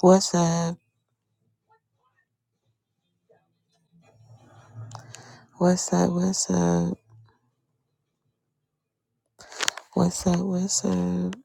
What's up? What's up? What's up? What's up? What's up?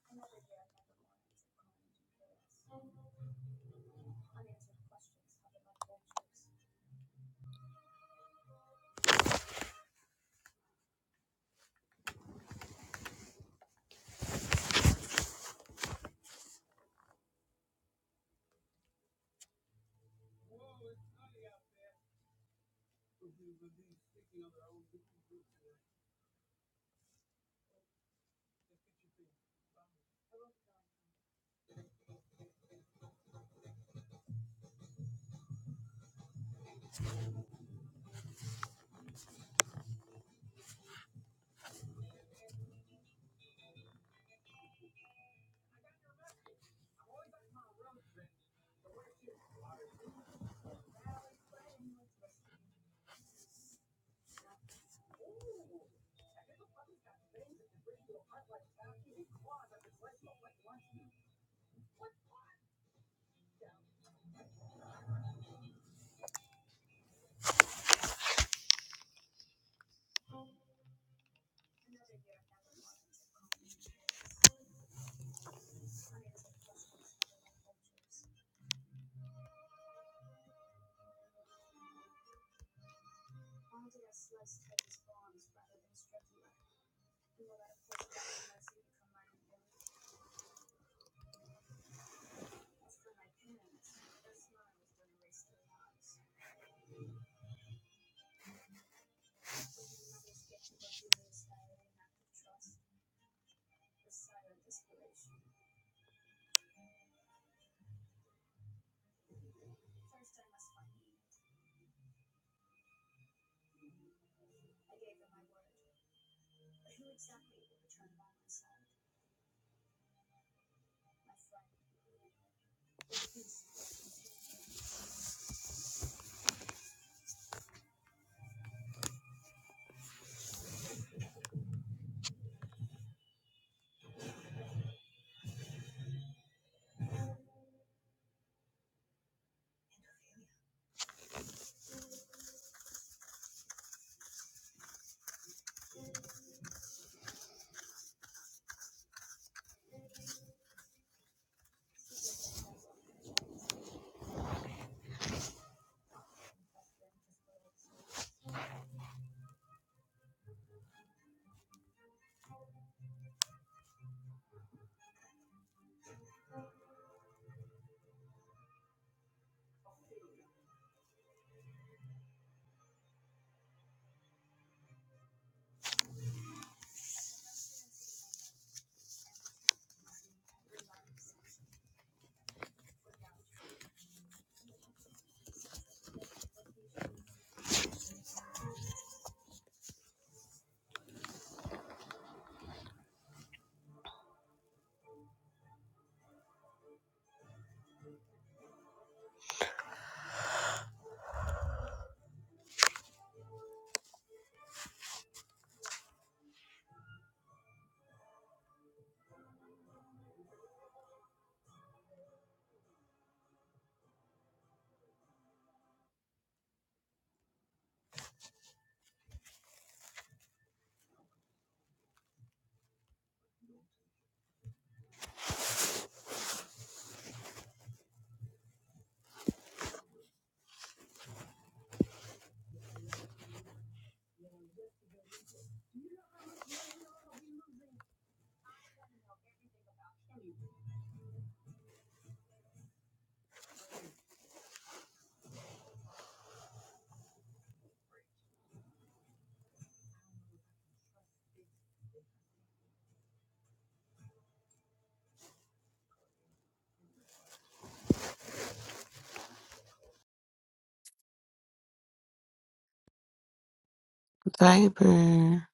Viper.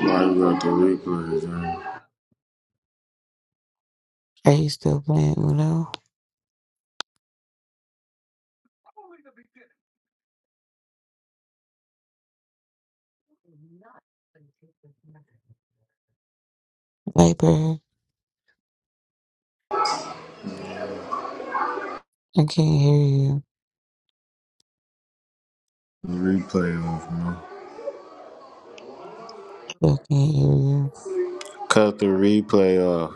Why you got the replays on? Are you still playing Uno? Viper, I can't hear you. The replay off, man. I can't hear you. Cut the replay off.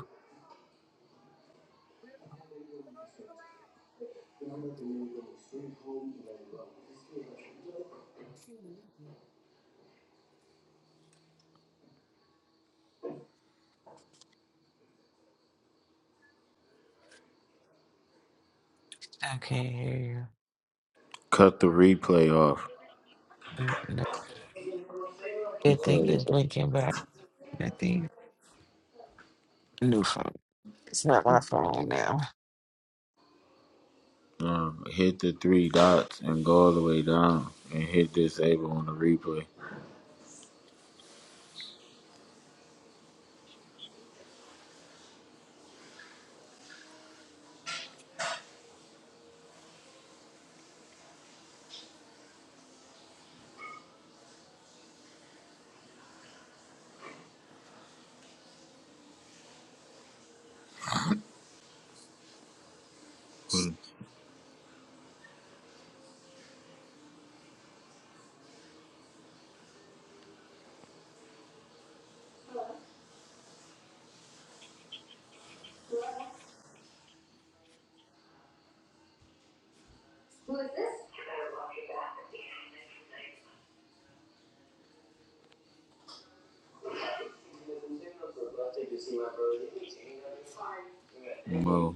I can't hear you. Cut the replay off. Mm, no. The You thing said is what? blinking, but I I think new phone. It's not my phone now. Um, hit the three dots and go all the way down and hit disable on the replay. Hmm. Mo,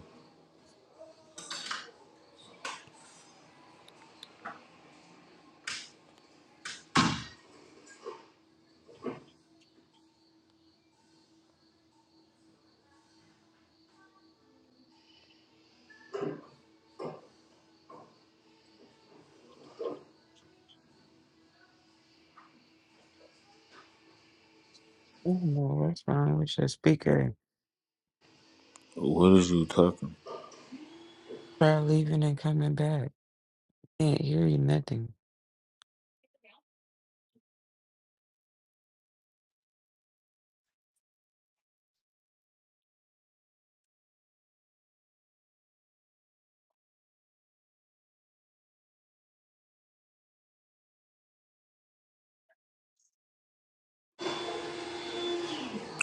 Oh no, what's wrong with your speaker? what is you talking? Try leaving and coming back. Can't hear you nothing.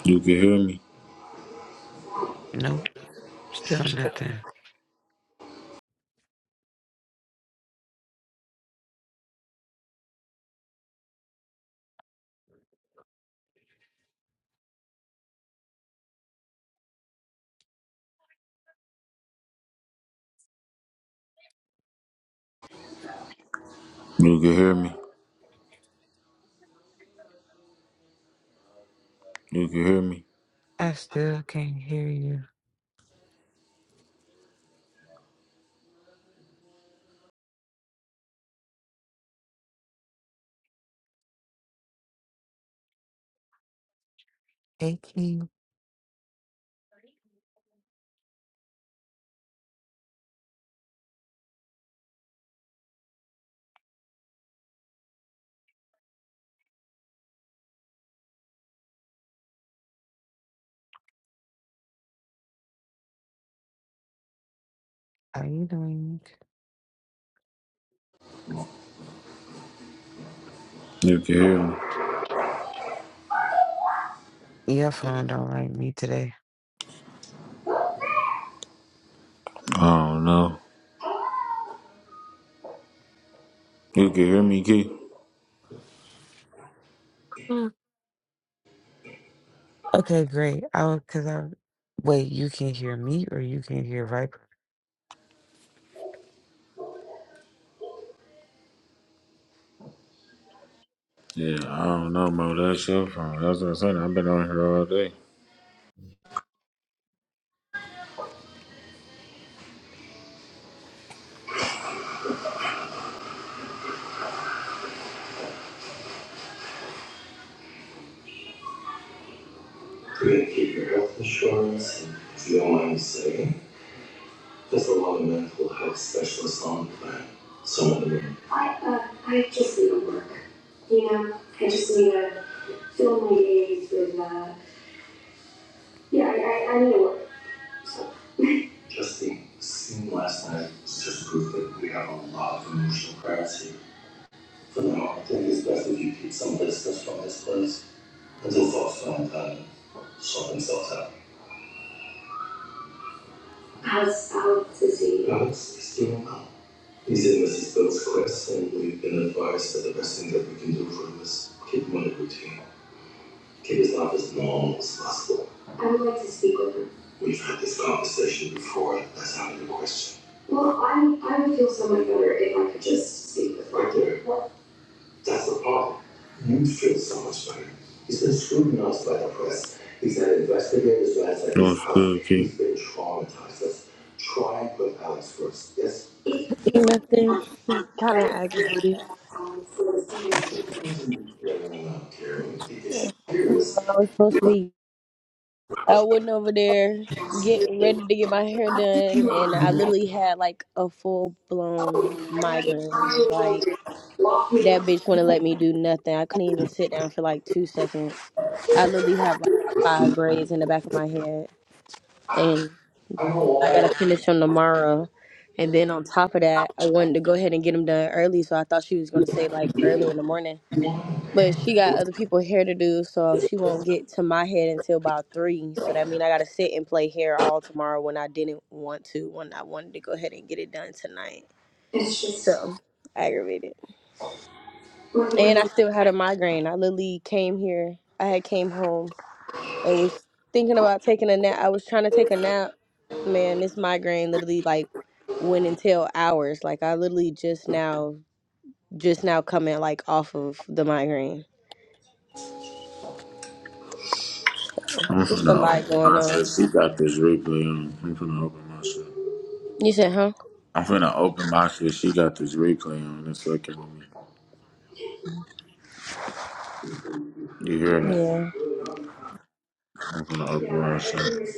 You can hear me. Nope. Still nothing. You can hear me. You can hear me. I still can't hear you. Hey King, how you doing? You can hear me. Your phone don't like me today. I don't know. You can hear me, Key. Mm. Okay, great. I because I wait. You can hear me, or you can hear Viper. Yeah, I don't know, Mo. That's your phone. That's what I'm saying. I've been on here all day. could keep your health insurance, and if you don't mind me saying, there's a lot of mental health specialists on the plan. Some of them I, uh, I just need to work. You know, I just need to fill my days with, uh, yeah, I, I, I need to work. Just the scene last night is just proof that we have a lot of emotional crowds here. For now, I think it's best if you keep some distance from this place until folks find time to sort themselves out. How's Alex? Is he? Alex is doing well. These illnesses those Chris, and we've been advised that the best thing that we can do for him is keep him on a routine, keep his life as normal as possible. I would like to speak with him. We've had this conversation before. That's out of the question. Well, I I would feel so much better if I could just speak with him. Right there. What? That's the problem. You'd feel so much better. He's been scrutinized by the press. He's had investigators last at his What's He's been traumatized. Let's try and put Alex first. Yes. Nothing. It's Kind of I'm finna aggravated. I was supposed to be. I went over there getting ready to get my hair done, and I literally had like a full blown migraine. Like open that bitch wouldn't let me do nothing. I couldn't even sit down for like two seconds. I literally have like five braids in the back of my head, and I gotta finish them tomorrow. And then on top of that, I wanted to go ahead and get them done early, so I thought she was gonna say like early in the morning. But she got other people hair to do, so she won't get to my head until about three. So that means I gotta sit and play hair all tomorrow when I didn't want to, when I wanted to go ahead and get it done tonight. So aggravated. And I still had a migraine. I literally came here. I had came home and was thinking about taking a nap. I was trying to take a nap. Man, this migraine literally like went until hours. Like I literally just now just now coming like off of the migraine. Just a lot going my shit. on. She got this replay on. I'm finna open my shit. You said, huh? I'm finna open my shit. She got this replay on. It's fucking with me. You hear me? Yeah. I'm finna open my shit.